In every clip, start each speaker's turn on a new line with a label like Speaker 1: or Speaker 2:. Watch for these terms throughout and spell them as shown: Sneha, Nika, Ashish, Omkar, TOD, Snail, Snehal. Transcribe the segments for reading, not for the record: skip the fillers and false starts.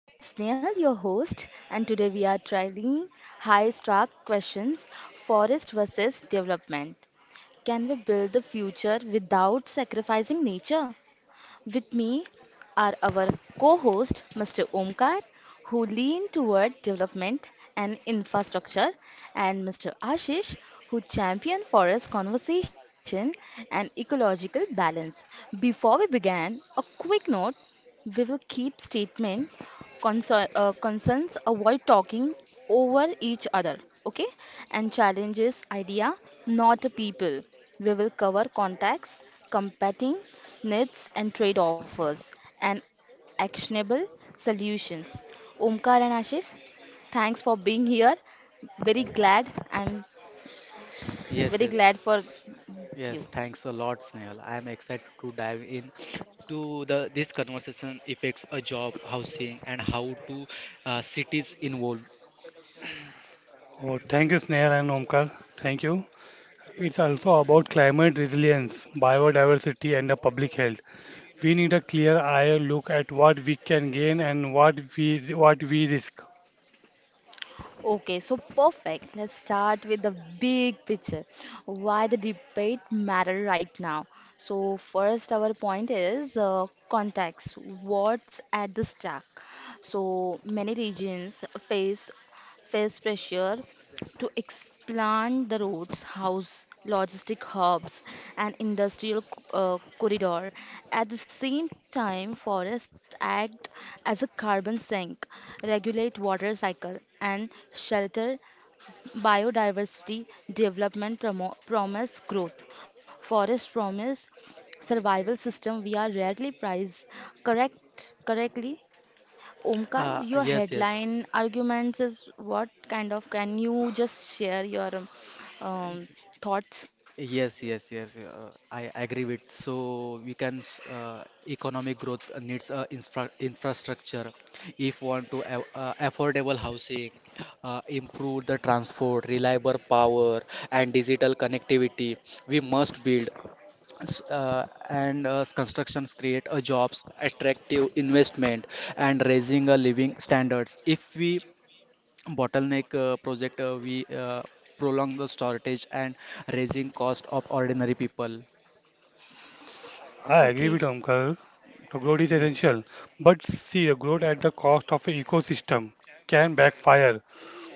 Speaker 1: I'm Snail, your host, and today we are trying high stark questions, forest versus development. Can we build the future without sacrificing nature? With me are our co host, Mr. Omkar, who lean toward development and infrastructure, and Mr. Ashish, who champion forest conservation and ecological balance. Before we begin, a quick note, we will keep statement, concerns, avoid talking over each other, okay, and challenges idea, not people. We will cover contacts, competing needs and trade offers, and actionable solutions. Omkar and Ashish, thanks for being here. Very glad. I'm
Speaker 2: Yes,
Speaker 1: very glad
Speaker 2: yes,
Speaker 1: for
Speaker 2: yes.
Speaker 1: you.
Speaker 2: Thanks a lot, Snehal. I am excited to dive in to the this conversation affects a job, housing, and how to cities involved.
Speaker 3: Oh, thank you, Sneha and Omkar. Thank you. It's also about climate resilience, biodiversity, and the public health. We need a clear eye look at what we can gain and what we risk.
Speaker 1: Okay, so perfect. Let's start with the big picture. Why the debate matter right now? So first, our point is context. What's at the stack? So many regions face pressure to expand the roads, house, logistic hubs, and corridor. At the same time, forests act as a carbon sink, regulate water cycle, and shelter biodiversity. Development promise growth. Forest promise survival system we are rarely priced correctly. Omkar,
Speaker 2: Uh,
Speaker 1: your
Speaker 2: yes, yes,
Speaker 1: headline arguments is what kind of? Can you just share your um, thoughts?
Speaker 2: yes. I agree with. So we can economic growth needs infrastructure. If want to affordable housing, improve the transport, reliable power, and digital connectivity, we must build. S- and constructions create a jobs attractive investment and raising a living standards if we bottleneck project we uh, prolong the shortage and raising cost of ordinary people
Speaker 3: I agree with
Speaker 1: Okay.
Speaker 3: Omkar. The growth is
Speaker 2: yes
Speaker 3: essential, but see, the growth at the cost of an ecosystem can backfire.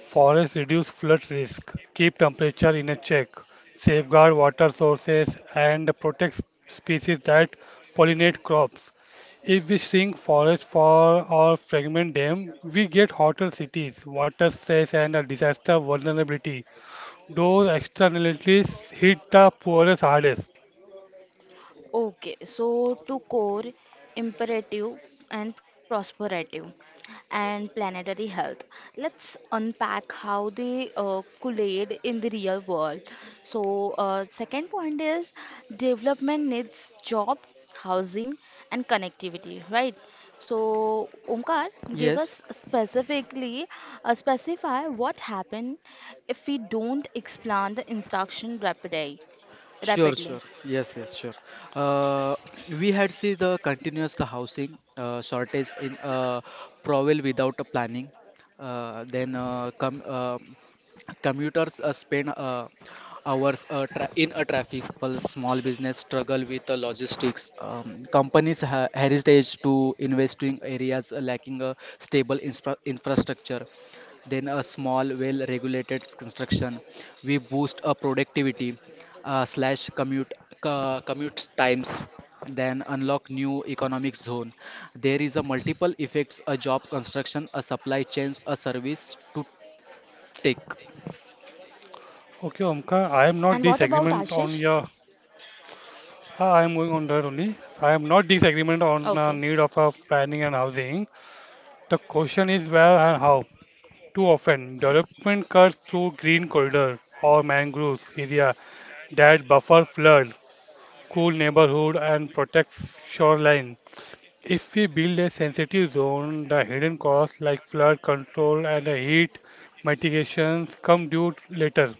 Speaker 3: Forests reduce flood risk, keep temperature in a check, safeguard water sources, and protect species that pollinate crops. If we shrink forests for or fragment them, we get hotter cities, water stress, and a disaster vulnerability. Those externalities hit the poorest hardest.
Speaker 1: Okay, so to core imperative and prosperative and planetary health. Let's unpack how they collide in the real world. So, second point is development needs job, housing, and connectivity, right? So, Omkar, give
Speaker 2: yes
Speaker 1: us specifically specify what happen if we don't expand the instruction rapidly.
Speaker 2: Sure, sure.
Speaker 1: Rapidly.
Speaker 2: Yes, yes, sure. Uh, we had see the continuous housing shortage in Provel without a planning. Then com Commuters spend hours tra in a traffic. While small business struggle with the logistics. Companies ha heritage to investing areas lacking a stable infrastructure, then a small well regulated construction we boost a productivity, slash commute commute times, then unlock new economic zone. There is a multiple effects a job construction a supply chains a service to take.
Speaker 3: Okay,
Speaker 1: And what
Speaker 3: Omkar, I
Speaker 1: about
Speaker 3: am not
Speaker 1: Ashish?
Speaker 3: disagreement on your. Ah, I am going on that only. I am not disagreement
Speaker 1: Okay.
Speaker 3: on a need of a planning and housing. The question is where and how. Too often, development cuts through green corridors or mangroves area that buffer flood, cool neighborhood, and protects shoreline. If we build a sensitive zone, the hidden costs like flood control and the heat mitigations come due later.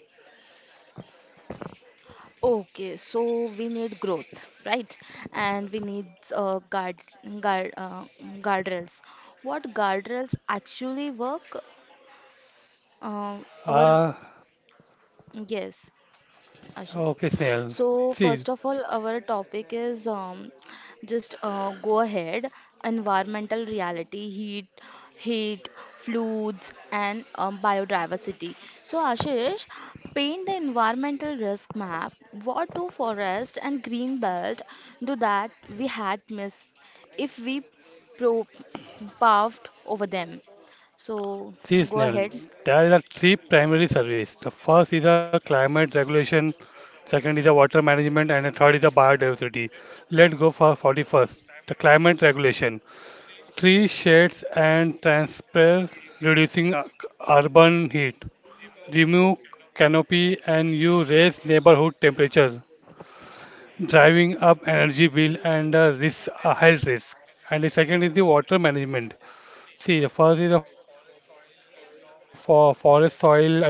Speaker 1: Okay, so we need growth, right? And we need uh, guard, guard, uh, guardrails. What guardrails actually work? Uh, our
Speaker 3: Ah,
Speaker 1: Yes. Ashish.
Speaker 3: okay, Snail.
Speaker 1: So first
Speaker 3: See,
Speaker 1: of all, our topic is just go ahead. Environmental reality, heat, floods, and biodiversity. So Ashish, paint the environmental risk map. What do forest and green belt do that we had missed if we pro- puffed over them? So
Speaker 3: see,
Speaker 1: go
Speaker 3: Snail.
Speaker 1: ahead.
Speaker 3: There are three primary services. The first is a climate regulation, second is a water management, and the third is a biodiversity. Let's go for 41st. The climate regulation. Tree shades and transfer reducing urban heat. Remove canopy and you raise neighborhood temperature, driving up energy bill and risk, health risk. And the second is the water management. See, the first is the for forest soil absorb rainfall,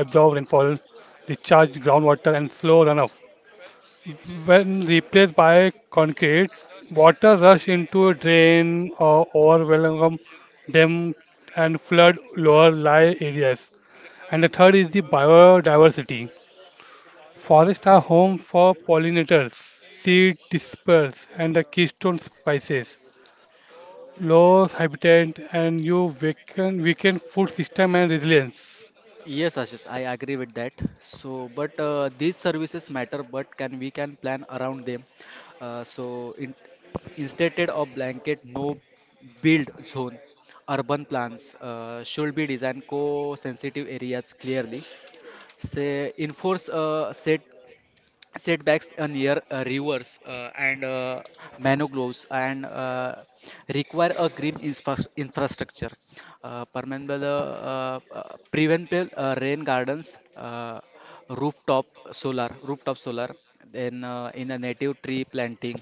Speaker 3: recharge groundwater, and slow runoff. When replaced by concrete, water rush into a drain or overwhelm them and flood lower lie areas. And the third is the biodiversity. Forests are home for pollinators, seed dispersers, and the keystone species. Loss habitat and you weaken food system and resilience.
Speaker 2: Yes, Ashish, I agree with that. So, but these services matter, but can plan around them. Uh, so, in, Instead of blanket no build zone, urban plans should be designed co-sensitive areas clearly. Say enforce a setbacks near rivers and mangroves and require a green infrastructure, permeable, preventable, rain gardens, rooftop rooftop solar, then in a native tree planting,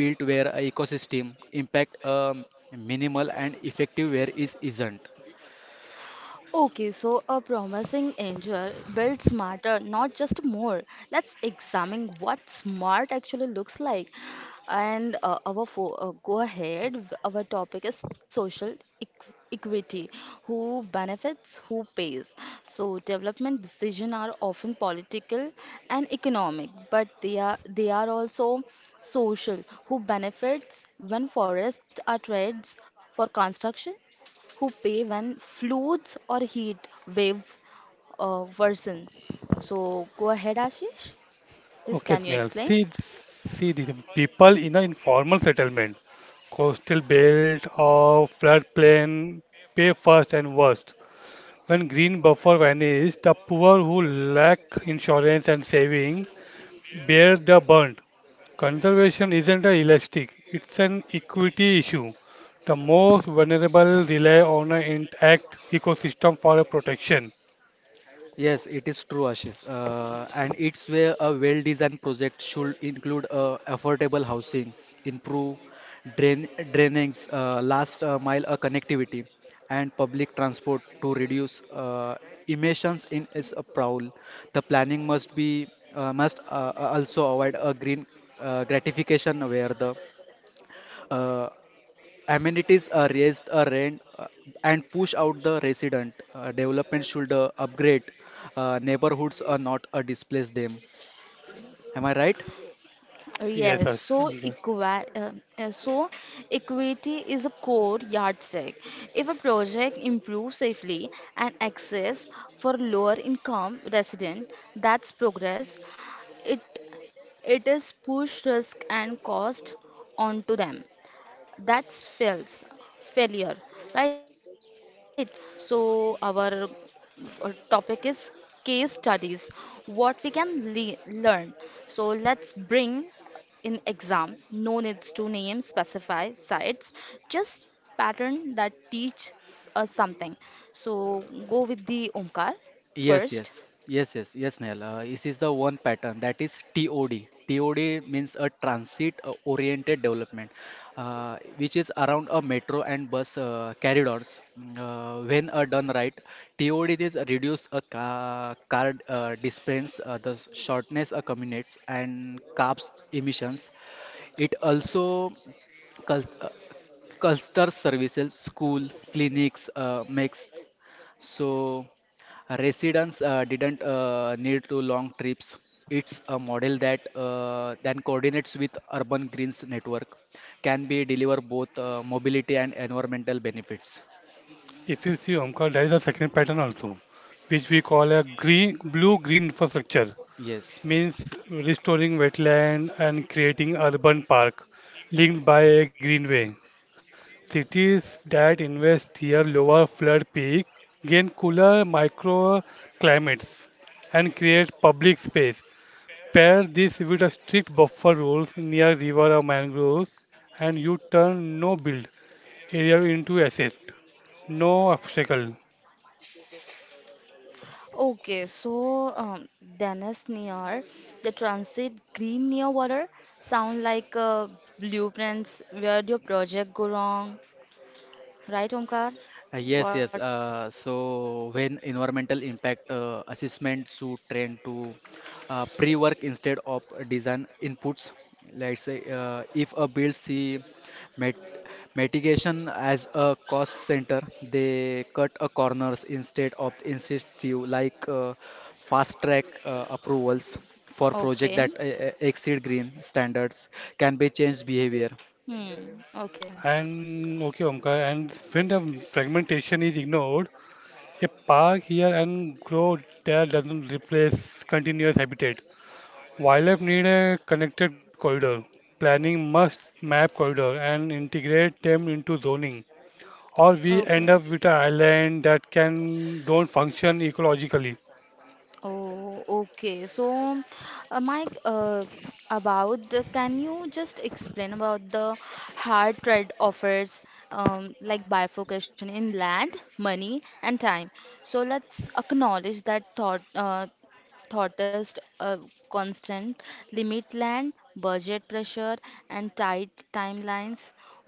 Speaker 2: built where a ecosystem impact minimal and effective where is isn't.
Speaker 1: Okay, so a promising angel builds smarter, not just more. Let's examine what smart actually looks like. And our fo go ahead, our topic is social equity. Who benefits, who pays. So development decisions are often political and economic, but they are also social. Who benefits when forests are trades for construction? Who pay when floods or heat waves worsen. So go ahead, Ashish. This
Speaker 3: Okay,
Speaker 1: can you
Speaker 3: Snail.
Speaker 1: explain?
Speaker 3: See, see the people in an informal settlement, coastal belt or floodplain pay first and worst. When green buffer vanish, the poor who lack insurance and saving bear the burn. Conservation isn't a elastic, it's an equity issue. The most vulnerable rely on an intact ecosystem for a protection.
Speaker 2: Yes, it is true, Ashish. And it's where a well-designed project should include affordable housing, improve drainings, last mile connectivity, and public transport to reduce emissions in its prowl. The planning must be must also avoid a green gratification where the uh, amenities raise the rent, and push out the resident. Development should upgrade neighborhoods, not displace them. Am I right?
Speaker 1: Uh, Yes,
Speaker 3: Yes,
Speaker 1: so
Speaker 3: Omkar.
Speaker 1: equa- uh, so equity is a core yardstick. If a project improves safely and access for lower income resident, that's progress. It it is push risk and cost onto them. That's fails failure, right? So our topic is case studies, what we can learn. So let's bring in exam, no needs to name specify sites, just pattern that teach us something. So go with the Omkar
Speaker 2: Yes,
Speaker 1: first.
Speaker 2: yes, yes, yes, yes, Nehal. This is the one pattern that is TOD. TOD means a transit, oriented development, which is around a metro and bus corridors. Mm. When done right, TOD is reduce a ca car distance, the shortness of commutes and carbs emissions. It also cul- uh, clusters services, school, clinics, makes so residents didn't need to long trips. It's a model that then coordinates with Urban Greens Network, can be deliver both mobility and environmental benefits.
Speaker 3: If you see, Omkar, there is a second pattern also, which we call a green, blue-green infrastructure,
Speaker 2: Yes.
Speaker 3: means restoring wetland and creating urban park linked by a greenway. Cities that invest near lower flood peak gain cooler microclimates and create public space. Pair this with a strict buffer rules near river or mangroves, and you turn no build area into asset, no obstacle.
Speaker 1: Okay, so Dennis Near, the transit green near water sound like blueprints. Where your project go wrong? Right, Omkar? What?
Speaker 2: Yes. So when environmental impact assessment should trend to pre-work instead of design inputs. Let's say if a build see mit mitigation as a cost center, they cut a corners instead of incentive like fast track approvals for project that
Speaker 1: Okay.
Speaker 2: exceed green standards can be changed behavior.
Speaker 1: Hmm. Okay.
Speaker 3: And okay, Omkar, and when the fragmentation is ignored, a park here and grow there doesn't replace continuous habitat. Wildlife need a connected corridor. Planning must map corridor and integrate them into zoning, or we
Speaker 1: Okay.
Speaker 3: end up with an island that can don't function ecologically.
Speaker 1: Oh, okay. So, Mike, can you just explain about the hard trade offers, like bifurcation in land, money, and time? So let's acknowledge that thoughtless uh, constant land, budget pressure and tight timelines.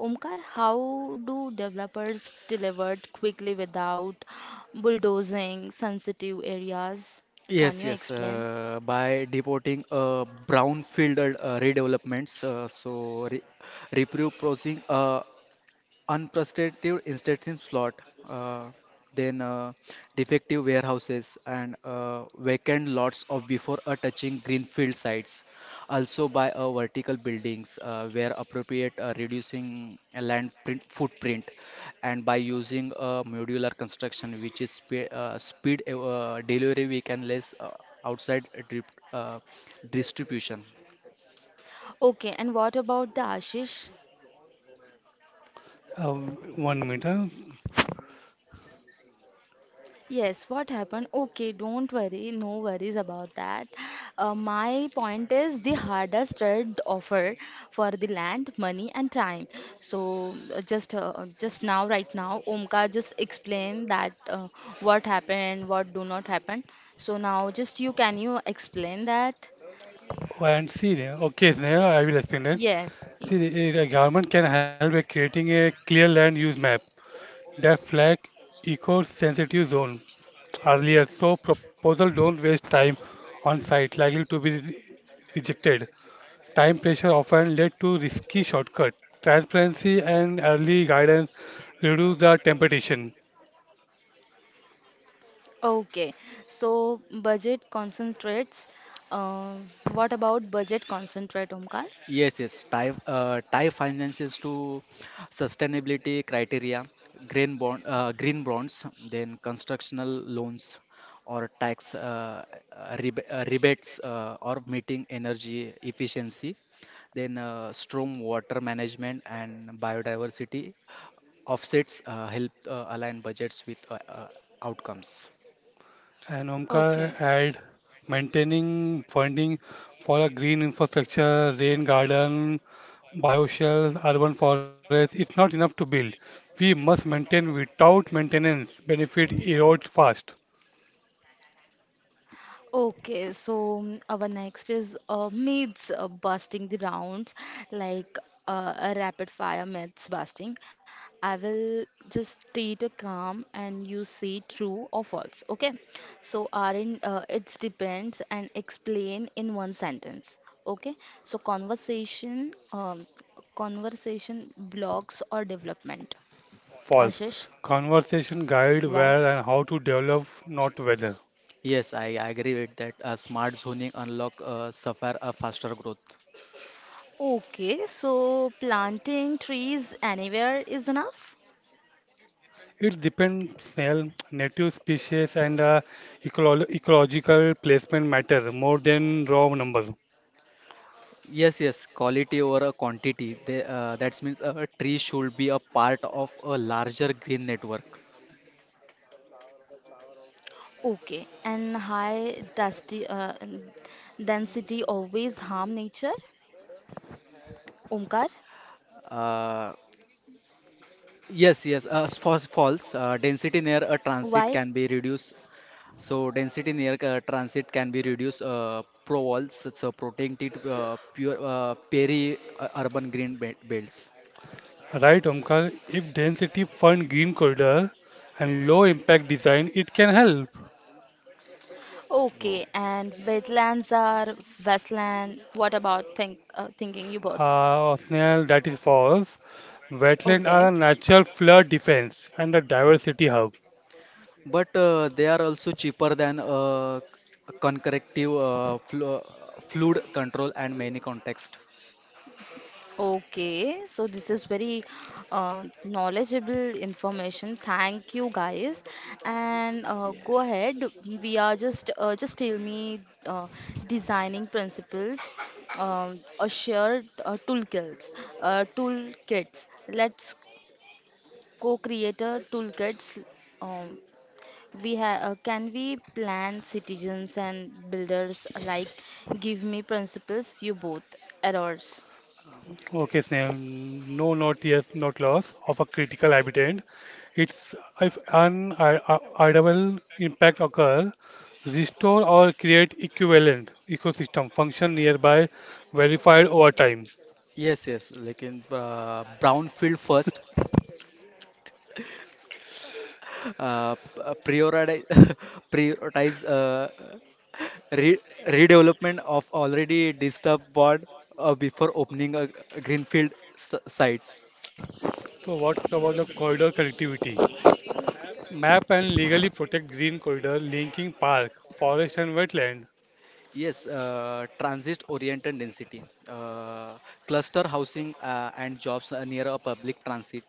Speaker 1: Omkar, how do developers deliver quickly without bulldozing sensitive areas? Can you
Speaker 2: Yes.
Speaker 1: explain?
Speaker 2: By deporting brownfield redevelopments, so re repurposing unprecedented instance slot, uh, then defective warehouses and vacant lots of before a touching greenfield sites. Also by vertical buildings where appropriate, reducing a footprint, and by using a modular construction which is speed delivery we can less outside drip, uh, distribution.
Speaker 1: Okay, and what about the Ashish?
Speaker 3: Uh, 1 minute. Huh?
Speaker 1: Yes, what happened? Okay, don't worry, no worries about that. My point is the hardest trade offer for the land, money, and time. So just now, right now, Omkar just explained that what happened, what do not happen. So now, just you can you explain that?
Speaker 3: Oh, and see, there. Okay, Sneha, I will explain that.
Speaker 1: Yes.
Speaker 3: See, the the government can help by creating a clear land use map that flag eco-sensitive zone earlier, so proposal don't waste time on site likely to be rejected. Time pressure often led to risky shortcuts. Transparency and early guidance reduce the temptation.
Speaker 1: Okay. So budget concentrates. Uh, what about budget concentrate, Omkar?
Speaker 2: Tie finances to sustainability criteria, green bonds, then constructional loans or tax rebates or meeting energy efficiency, then storm water management and biodiversity offsets help align budgets with outcomes.
Speaker 3: And
Speaker 1: Okay.
Speaker 3: Omkar add maintaining funding for a green infrastructure, rain garden, bioshells, urban forest. It's not enough to build. We must maintain without maintenance. Benefit erode fast.
Speaker 1: Okay, so our next is myths busting the rounds, like a rapid fire myths busting. I will just state a calm and you say true or false. Okay, so Arin, it depends and explain in one sentence. Okay, so conversation blocks or development.
Speaker 3: False.
Speaker 1: Ashish,
Speaker 3: Conversation guide
Speaker 1: why?
Speaker 3: where and how to develop, not whether.
Speaker 2: Yes, I agree with that. Smart zoning unlock suffer a faster growth.
Speaker 1: Okay, so planting trees anywhere is enough.
Speaker 3: It depends well, native species and ecological placement matter more than raw number.
Speaker 2: Yes, yes, quality over a quantity. That means a tree should be a part of a larger green network.
Speaker 1: Okay, and density always harm nature? Omkar,
Speaker 2: Uh, False. Density near a transit
Speaker 1: why?
Speaker 2: can be reduced. So density near transit can be reduced. Provols, so protected, pure peri-urban green be belts.
Speaker 3: Right, Omkar? If density fund green corridor and low impact design, it can help.
Speaker 1: Okay,
Speaker 2: Oh.
Speaker 1: and wetlands are wasteland. What about thinking you both?
Speaker 3: Osnell, that is false. Wetland are a
Speaker 1: Okay.
Speaker 3: natural flood defense and a diversity hub.
Speaker 2: But they are also cheaper than concurrent flu flood control and many context.
Speaker 1: Okay, so this is very knowledgeable information. Thank you, guys. And go
Speaker 2: Yes.
Speaker 1: ahead. We are just tell me uh, designing principles, um a shared toolkits. Let's co-creator toolkits. Um, we have can we plan citizens and builders alike? Give me principles. You both errors.
Speaker 3: Okay, Snail, no, not yes, not loss of a critical habitat. It's if unavoidable impact occur, restore or create equivalent ecosystem function nearby verified over time.
Speaker 2: Yes, yes, like in brownfield first, prioritize prioritize re redevelopment of already disturbed board before opening a greenfield s sites.
Speaker 3: So what about the corridor connectivity? Map and legally protect green corridor linking park, forest and wetland.
Speaker 2: Yes, transit-oriented density, cluster housing and jobs near a public transit,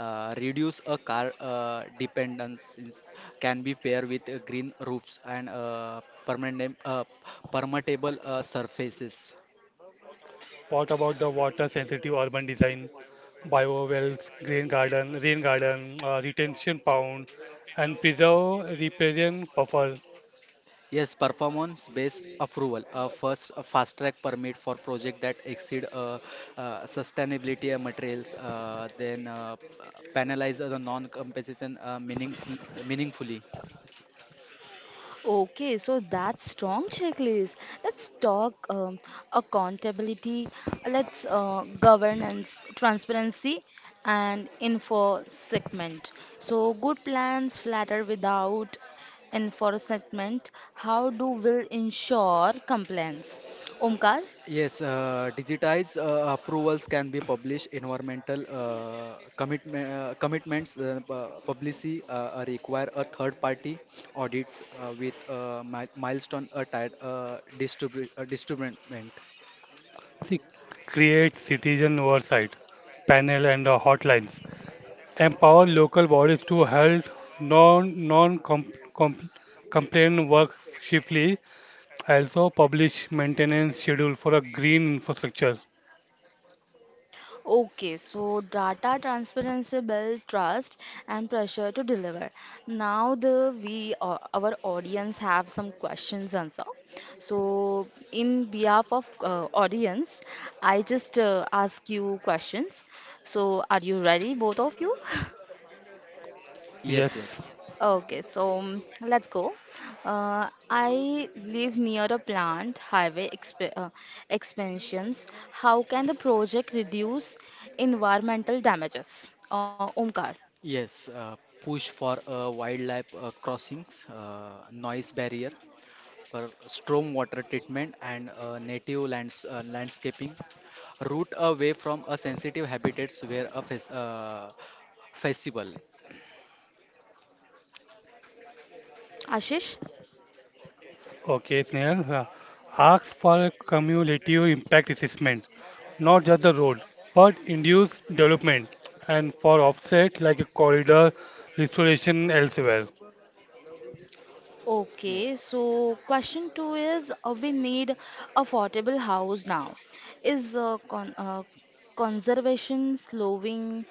Speaker 2: reduce a car dependence, can be paired with green roofs and permittable surfaces.
Speaker 3: What about the water sensitive urban design, bio wells, grain garden, rain garden, retention pond, and preserve riparian buffer?
Speaker 2: Yes, performance-based approval, a fast-track permit for project that exceed sustainability materials, penalize the non-compensation meaningfully.
Speaker 1: Okay, so that's strong checklist. Let's talk accountability, let's governance, transparency, and info segment. So good plans flatter without info segment. How do we ensure compliance? Omkar?
Speaker 2: Yes, digitized approvals can be published. Environmental commitments, publicity require a third-party audits with mi milestone attached distribute distribution.
Speaker 3: See, create citizen oversight panel and the hotlines, empower local bodies to help non compliant work swiftly, also publish maintenance schedule for a green infrastructure.
Speaker 1: Okay, so data transparency build trust and pressure to deliver. Now the we our audience have some questions answer. So in behalf of audience, I just ask you questions. So are you ready, both of you?
Speaker 3: Yes,
Speaker 2: Yes, yes.
Speaker 1: Okay, so let's go. I live near a plant highway exp expansions. How can the project reduce environmental damages? Omkar,
Speaker 2: Yes, push for wildlife crossings, noise barrier, for storm water treatment and landscaping root away from a sensitive habitats where a festival.
Speaker 1: Ashish.
Speaker 3: okay, Snehal. Ask for a cumulative impact assessment, not just the road, but induce development and for offset like a corridor restoration elsewhere.
Speaker 1: Okay,
Speaker 2: yes
Speaker 1: so question two is we need affordable house now. Is conservation slowing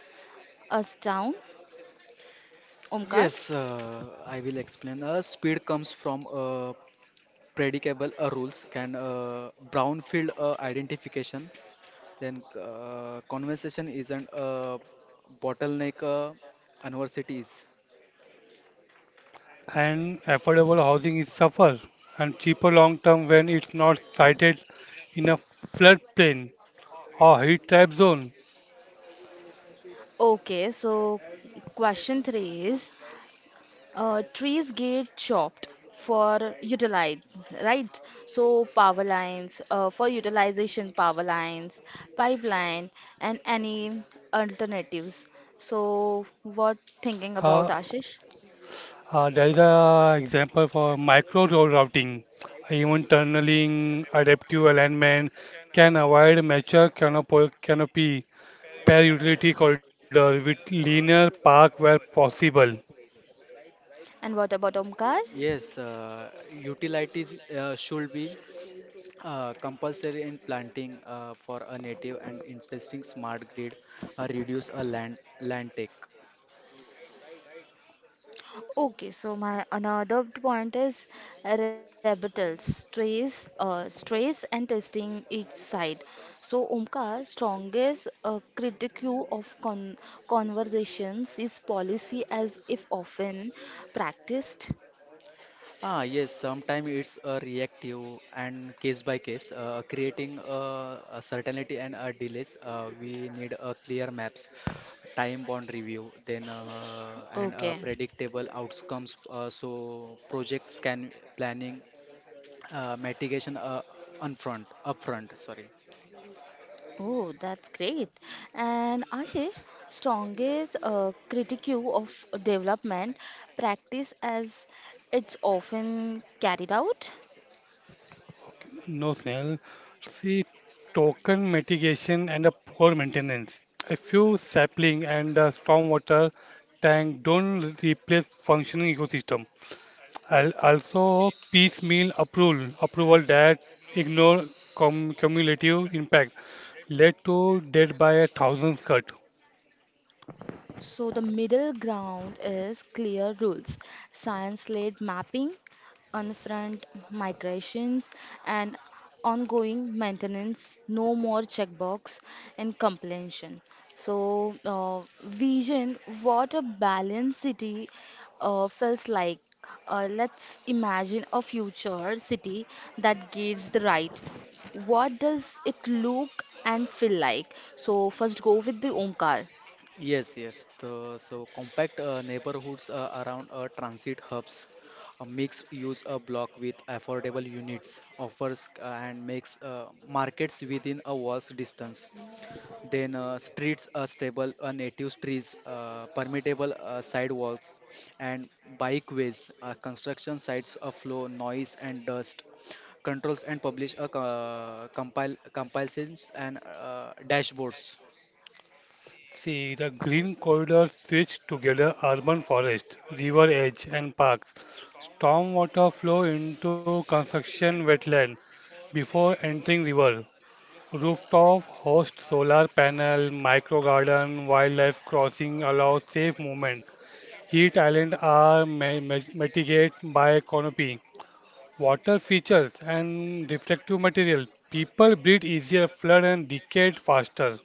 Speaker 1: us down? Omkar.
Speaker 2: yes uh, i will explain speed comes from predictable rules can brownfield identification, then conversation isn't a bottleneck, universities.
Speaker 3: And affordable housing is suffer and cheaper long term when it's not sited in a floodplain or heat trap zone.
Speaker 1: Okay, so question three is, uh, trees get chopped for utilize, right? So power lines, for utilization, power lines, pipeline, and any alternatives. So what thinking
Speaker 3: Uh,
Speaker 1: about Ashish?
Speaker 3: there is an example for micro road routing. Even tunneling, adaptive alignment can avoid mature canopy pair utility corridor with linear park where possible.
Speaker 1: And what about Omkar?
Speaker 2: yes uh, Utilities should be compulsory in planting for a native and investing smart grid, reduce a land take.
Speaker 1: Okay, so my another point is rebuttals, stress and testing each side. So Omkar, strongest critique of conversations is policy as if often practiced.
Speaker 2: Ah, yes, sometimes it's a reactive and case by case, creating a certainty and a delays. We need a clear maps, time bound review, then and
Speaker 1: Okay.
Speaker 2: predictable outcomes. So projects can planning mitigation, on front, upfront. Sorry.
Speaker 1: Oh, that's great. And Ashish, strongest critique of development practice as it's often carried out.
Speaker 3: No, Snail. See, token mitigation and a poor maintenance. A few sapling and a stormwater tank don't replace functioning ecosystem. Also, piecemeal approval, approval that ignore cumulative impact led to death by a thousand cut.
Speaker 1: So the middle ground is clear rules, science-led mapping, unfront migrations, and ongoing maintenance, no more checkbox and completion. So vision, what a balanced city feels like. Let's imagine a future city that gives the right, what does it look and feel like? So first go with the Omkar.
Speaker 2: So compact neighborhoods around transit hubs, a mixed use a block with affordable units offers and makes markets within a walk's distance. Then streets are stable, native trees, permeable sidewalks, and bikeways. Construction sites flow noise and dust. Controls and publish a compile compilations and dashboards.
Speaker 3: See, the green corridor switched together urban forest, river edge, and parks. Stormwater flow into construction wetland before entering river, rooftop host solar panel, micro garden, wildlife crossing allow safe movement. Heat island are mitigated by canopy, water features and reflective material. People breathe easier, flood and decay faster.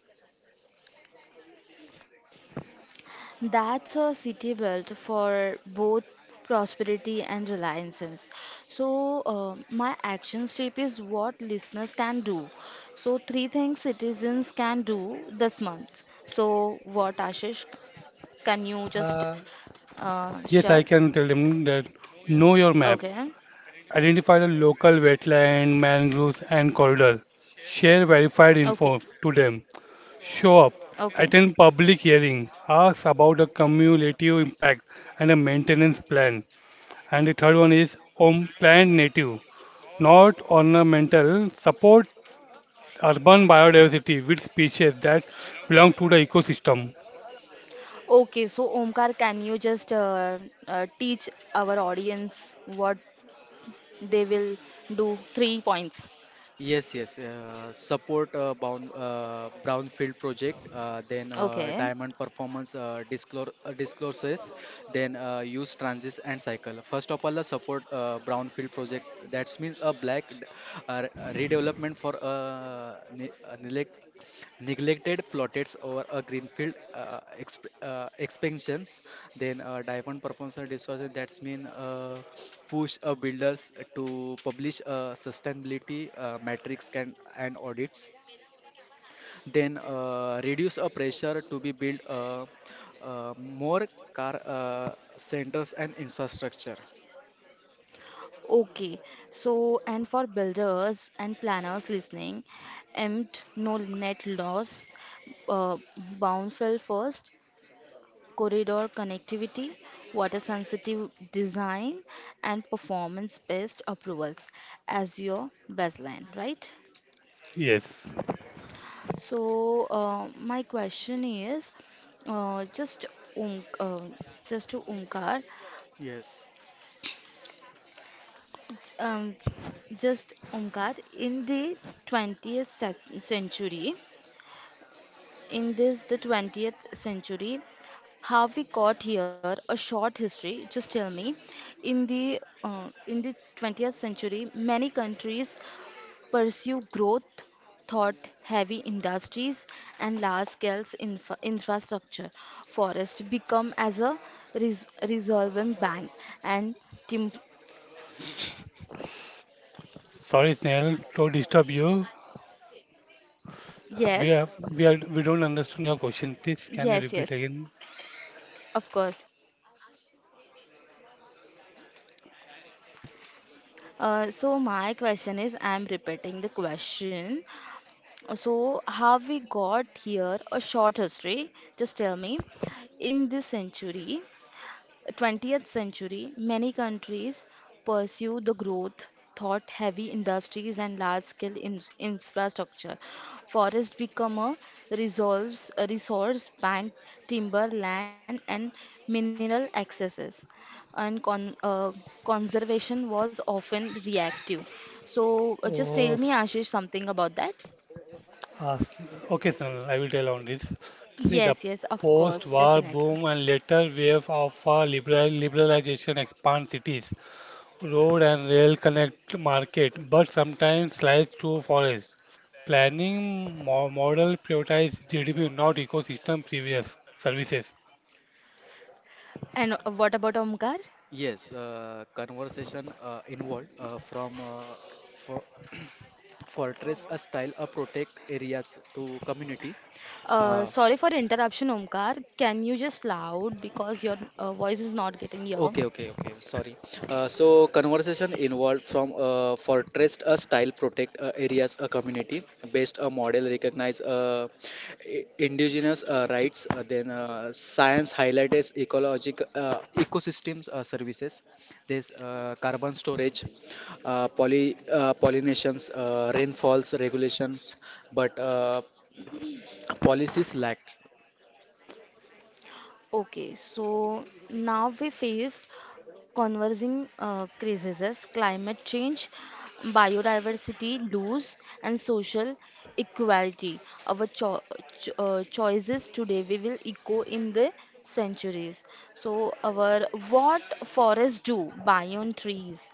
Speaker 1: That's a city built for both prosperity and reliances. So, my action step is what listeners can do. So, three things citizens can do this month. So, what Ashish, can you just
Speaker 3: Uh,
Speaker 1: share?
Speaker 3: yes, I can tell them that know your map,
Speaker 1: Okay,
Speaker 3: identify the local wetland, mangroves and corridor. Share verified
Speaker 1: okay,
Speaker 3: info to them. Show up,
Speaker 1: okay,
Speaker 3: attend public hearing, ask about the cumulative impact and a maintenance plan. And the third one is on plant native, not ornamental, support urban biodiversity with species that belong to the ecosystem.
Speaker 1: okay. So, Omkar, can you just teach our audience what they will do? Three points.
Speaker 2: Yes. Support brownfield project, then
Speaker 1: Okay.
Speaker 2: diamond performance discloses, then use transit and cycle. First of all, support brownfield project. That means a uh, redevelopment for neglected plots over a greenfield expansions, then diamond proposal distortion, that's mean push builders to publish sustainability metrics can, and audits, then reduce a pressure to be built more car centers and infrastructure.
Speaker 1: Okay, so and for builders and planners listening, empt no net loss, boundary first, corridor connectivity, water sensitive design, and performance based approvals as your baseline, right?
Speaker 3: Yes.
Speaker 1: So my question is, uh, just um, uh, just to Omkar,
Speaker 2: yes
Speaker 1: um, just Omkar, in the century, in this the 20th century, how we got here, a short history, just tell me. In the 20th century, many countries pursue growth, thought heavy industries and large scale infrastructure. Forests become as a resolvent bank and tim-
Speaker 3: Sorry, Snail, to disturb you. We
Speaker 1: yes,
Speaker 3: have we are We don't understand your question. Please, can you
Speaker 1: yes,
Speaker 3: repeat
Speaker 1: yes.
Speaker 3: again?
Speaker 1: Of course. So my question is, I'm repeating the question. So how we got here? A short history. Just tell me. In this century, 20th century, many countries pursue the growth thought heavy industries and large scale infrastructure. Forest become a resolves a resource bank, timber, land, and mineral accesses. And conservation was often reactive. So, just tell
Speaker 3: Oh,
Speaker 1: me, Ashish, something about that.
Speaker 3: Uh, s- okay, sir, I will tell on this. See, the
Speaker 1: Yes, yes, of course,
Speaker 3: post-war
Speaker 1: definitely.
Speaker 3: boom and later wave of liberalization expand cities, road and rail connect market, but sometimes slice through forest. Planning mo model prioritize GDP, not ecosystem previous services.
Speaker 1: And what about Omkar?
Speaker 2: yes Conversation involved from for fortress a style a protect areas to community. Uh,
Speaker 1: Sorry for interruption, Omkar. Can you just loud because your voice is not getting here?
Speaker 2: okay, okay, okay. Sorry. So conversation involved from fortress a style protect areas a community based a model recognize indigenous rights, then science highlights ecologic ecosystems services, there's carbon storage, poly pollinations, rainfalls regulations, but policies lack.
Speaker 1: Okay, so now we faced conversing crises, climate change, biodiversity loss, and social equality. Our choices today we will echo in the centuries. So our what forests do, biome trees.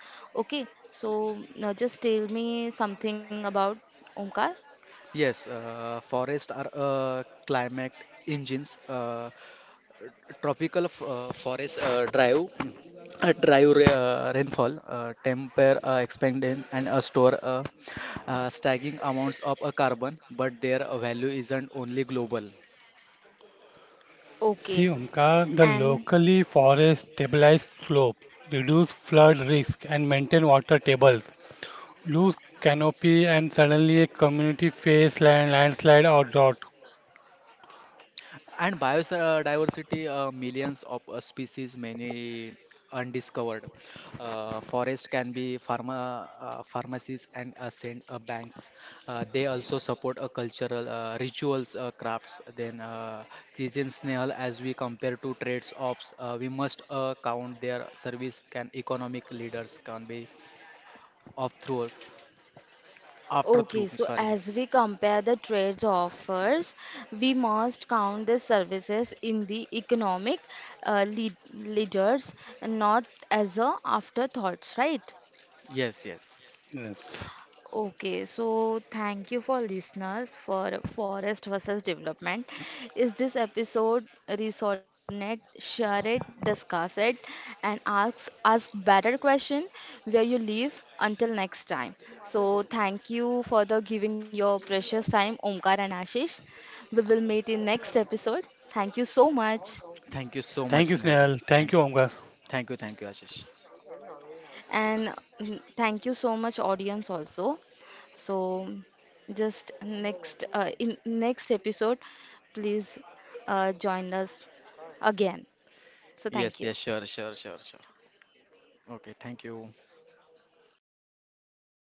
Speaker 1: Okay, so now just tell me something about Omkar.
Speaker 2: Yes, forests are climate engines. Tropical forest drive rainfall, temper expanding and store staggering amounts of carbon, but their value isn't only global.
Speaker 3: See,
Speaker 1: Okay,
Speaker 3: Omkar, the
Speaker 1: and
Speaker 3: locally forest stabilized slope, reduce flood risk, and maintain water tables. Loose canopy, and suddenly a community face land, landslide or drought.
Speaker 2: And biodiversity, millions of species, many undiscovered. Forest can be pharmacies and banks. They also support cultural rituals, crafts. Then Christian snail, as we compare to trades ops, we must count their service. Can economic leaders can be of through after
Speaker 1: okay,
Speaker 2: through.
Speaker 1: so
Speaker 2: Sorry.
Speaker 1: as we compare the trades offers, we must count the services in the economic leaders, and not as a afterthoughts, right?
Speaker 2: Yes, yes.
Speaker 3: Yes.
Speaker 1: Okay, so thank you for listeners for forest versus development. Is this episode resonate, share it, discuss it, and ask better question where you live until next time. So thank you for the giving your precious time, Omkar and Ashish. We will meet in next episode. Thank you so much.
Speaker 2: Thank you so much,
Speaker 3: Thank you,
Speaker 2: Snehal.
Speaker 3: Snehal. Thank
Speaker 2: Thank
Speaker 3: you,
Speaker 2: you.
Speaker 3: Omkar.
Speaker 2: Thank you, thank you, Ashish.
Speaker 1: And thank you so much, audience, also. So, just next in next episode, please join us again. So,
Speaker 2: Yes,
Speaker 1: thank
Speaker 2: yes,
Speaker 1: you.
Speaker 2: sure, sure, sure, sure. Okay, thank you.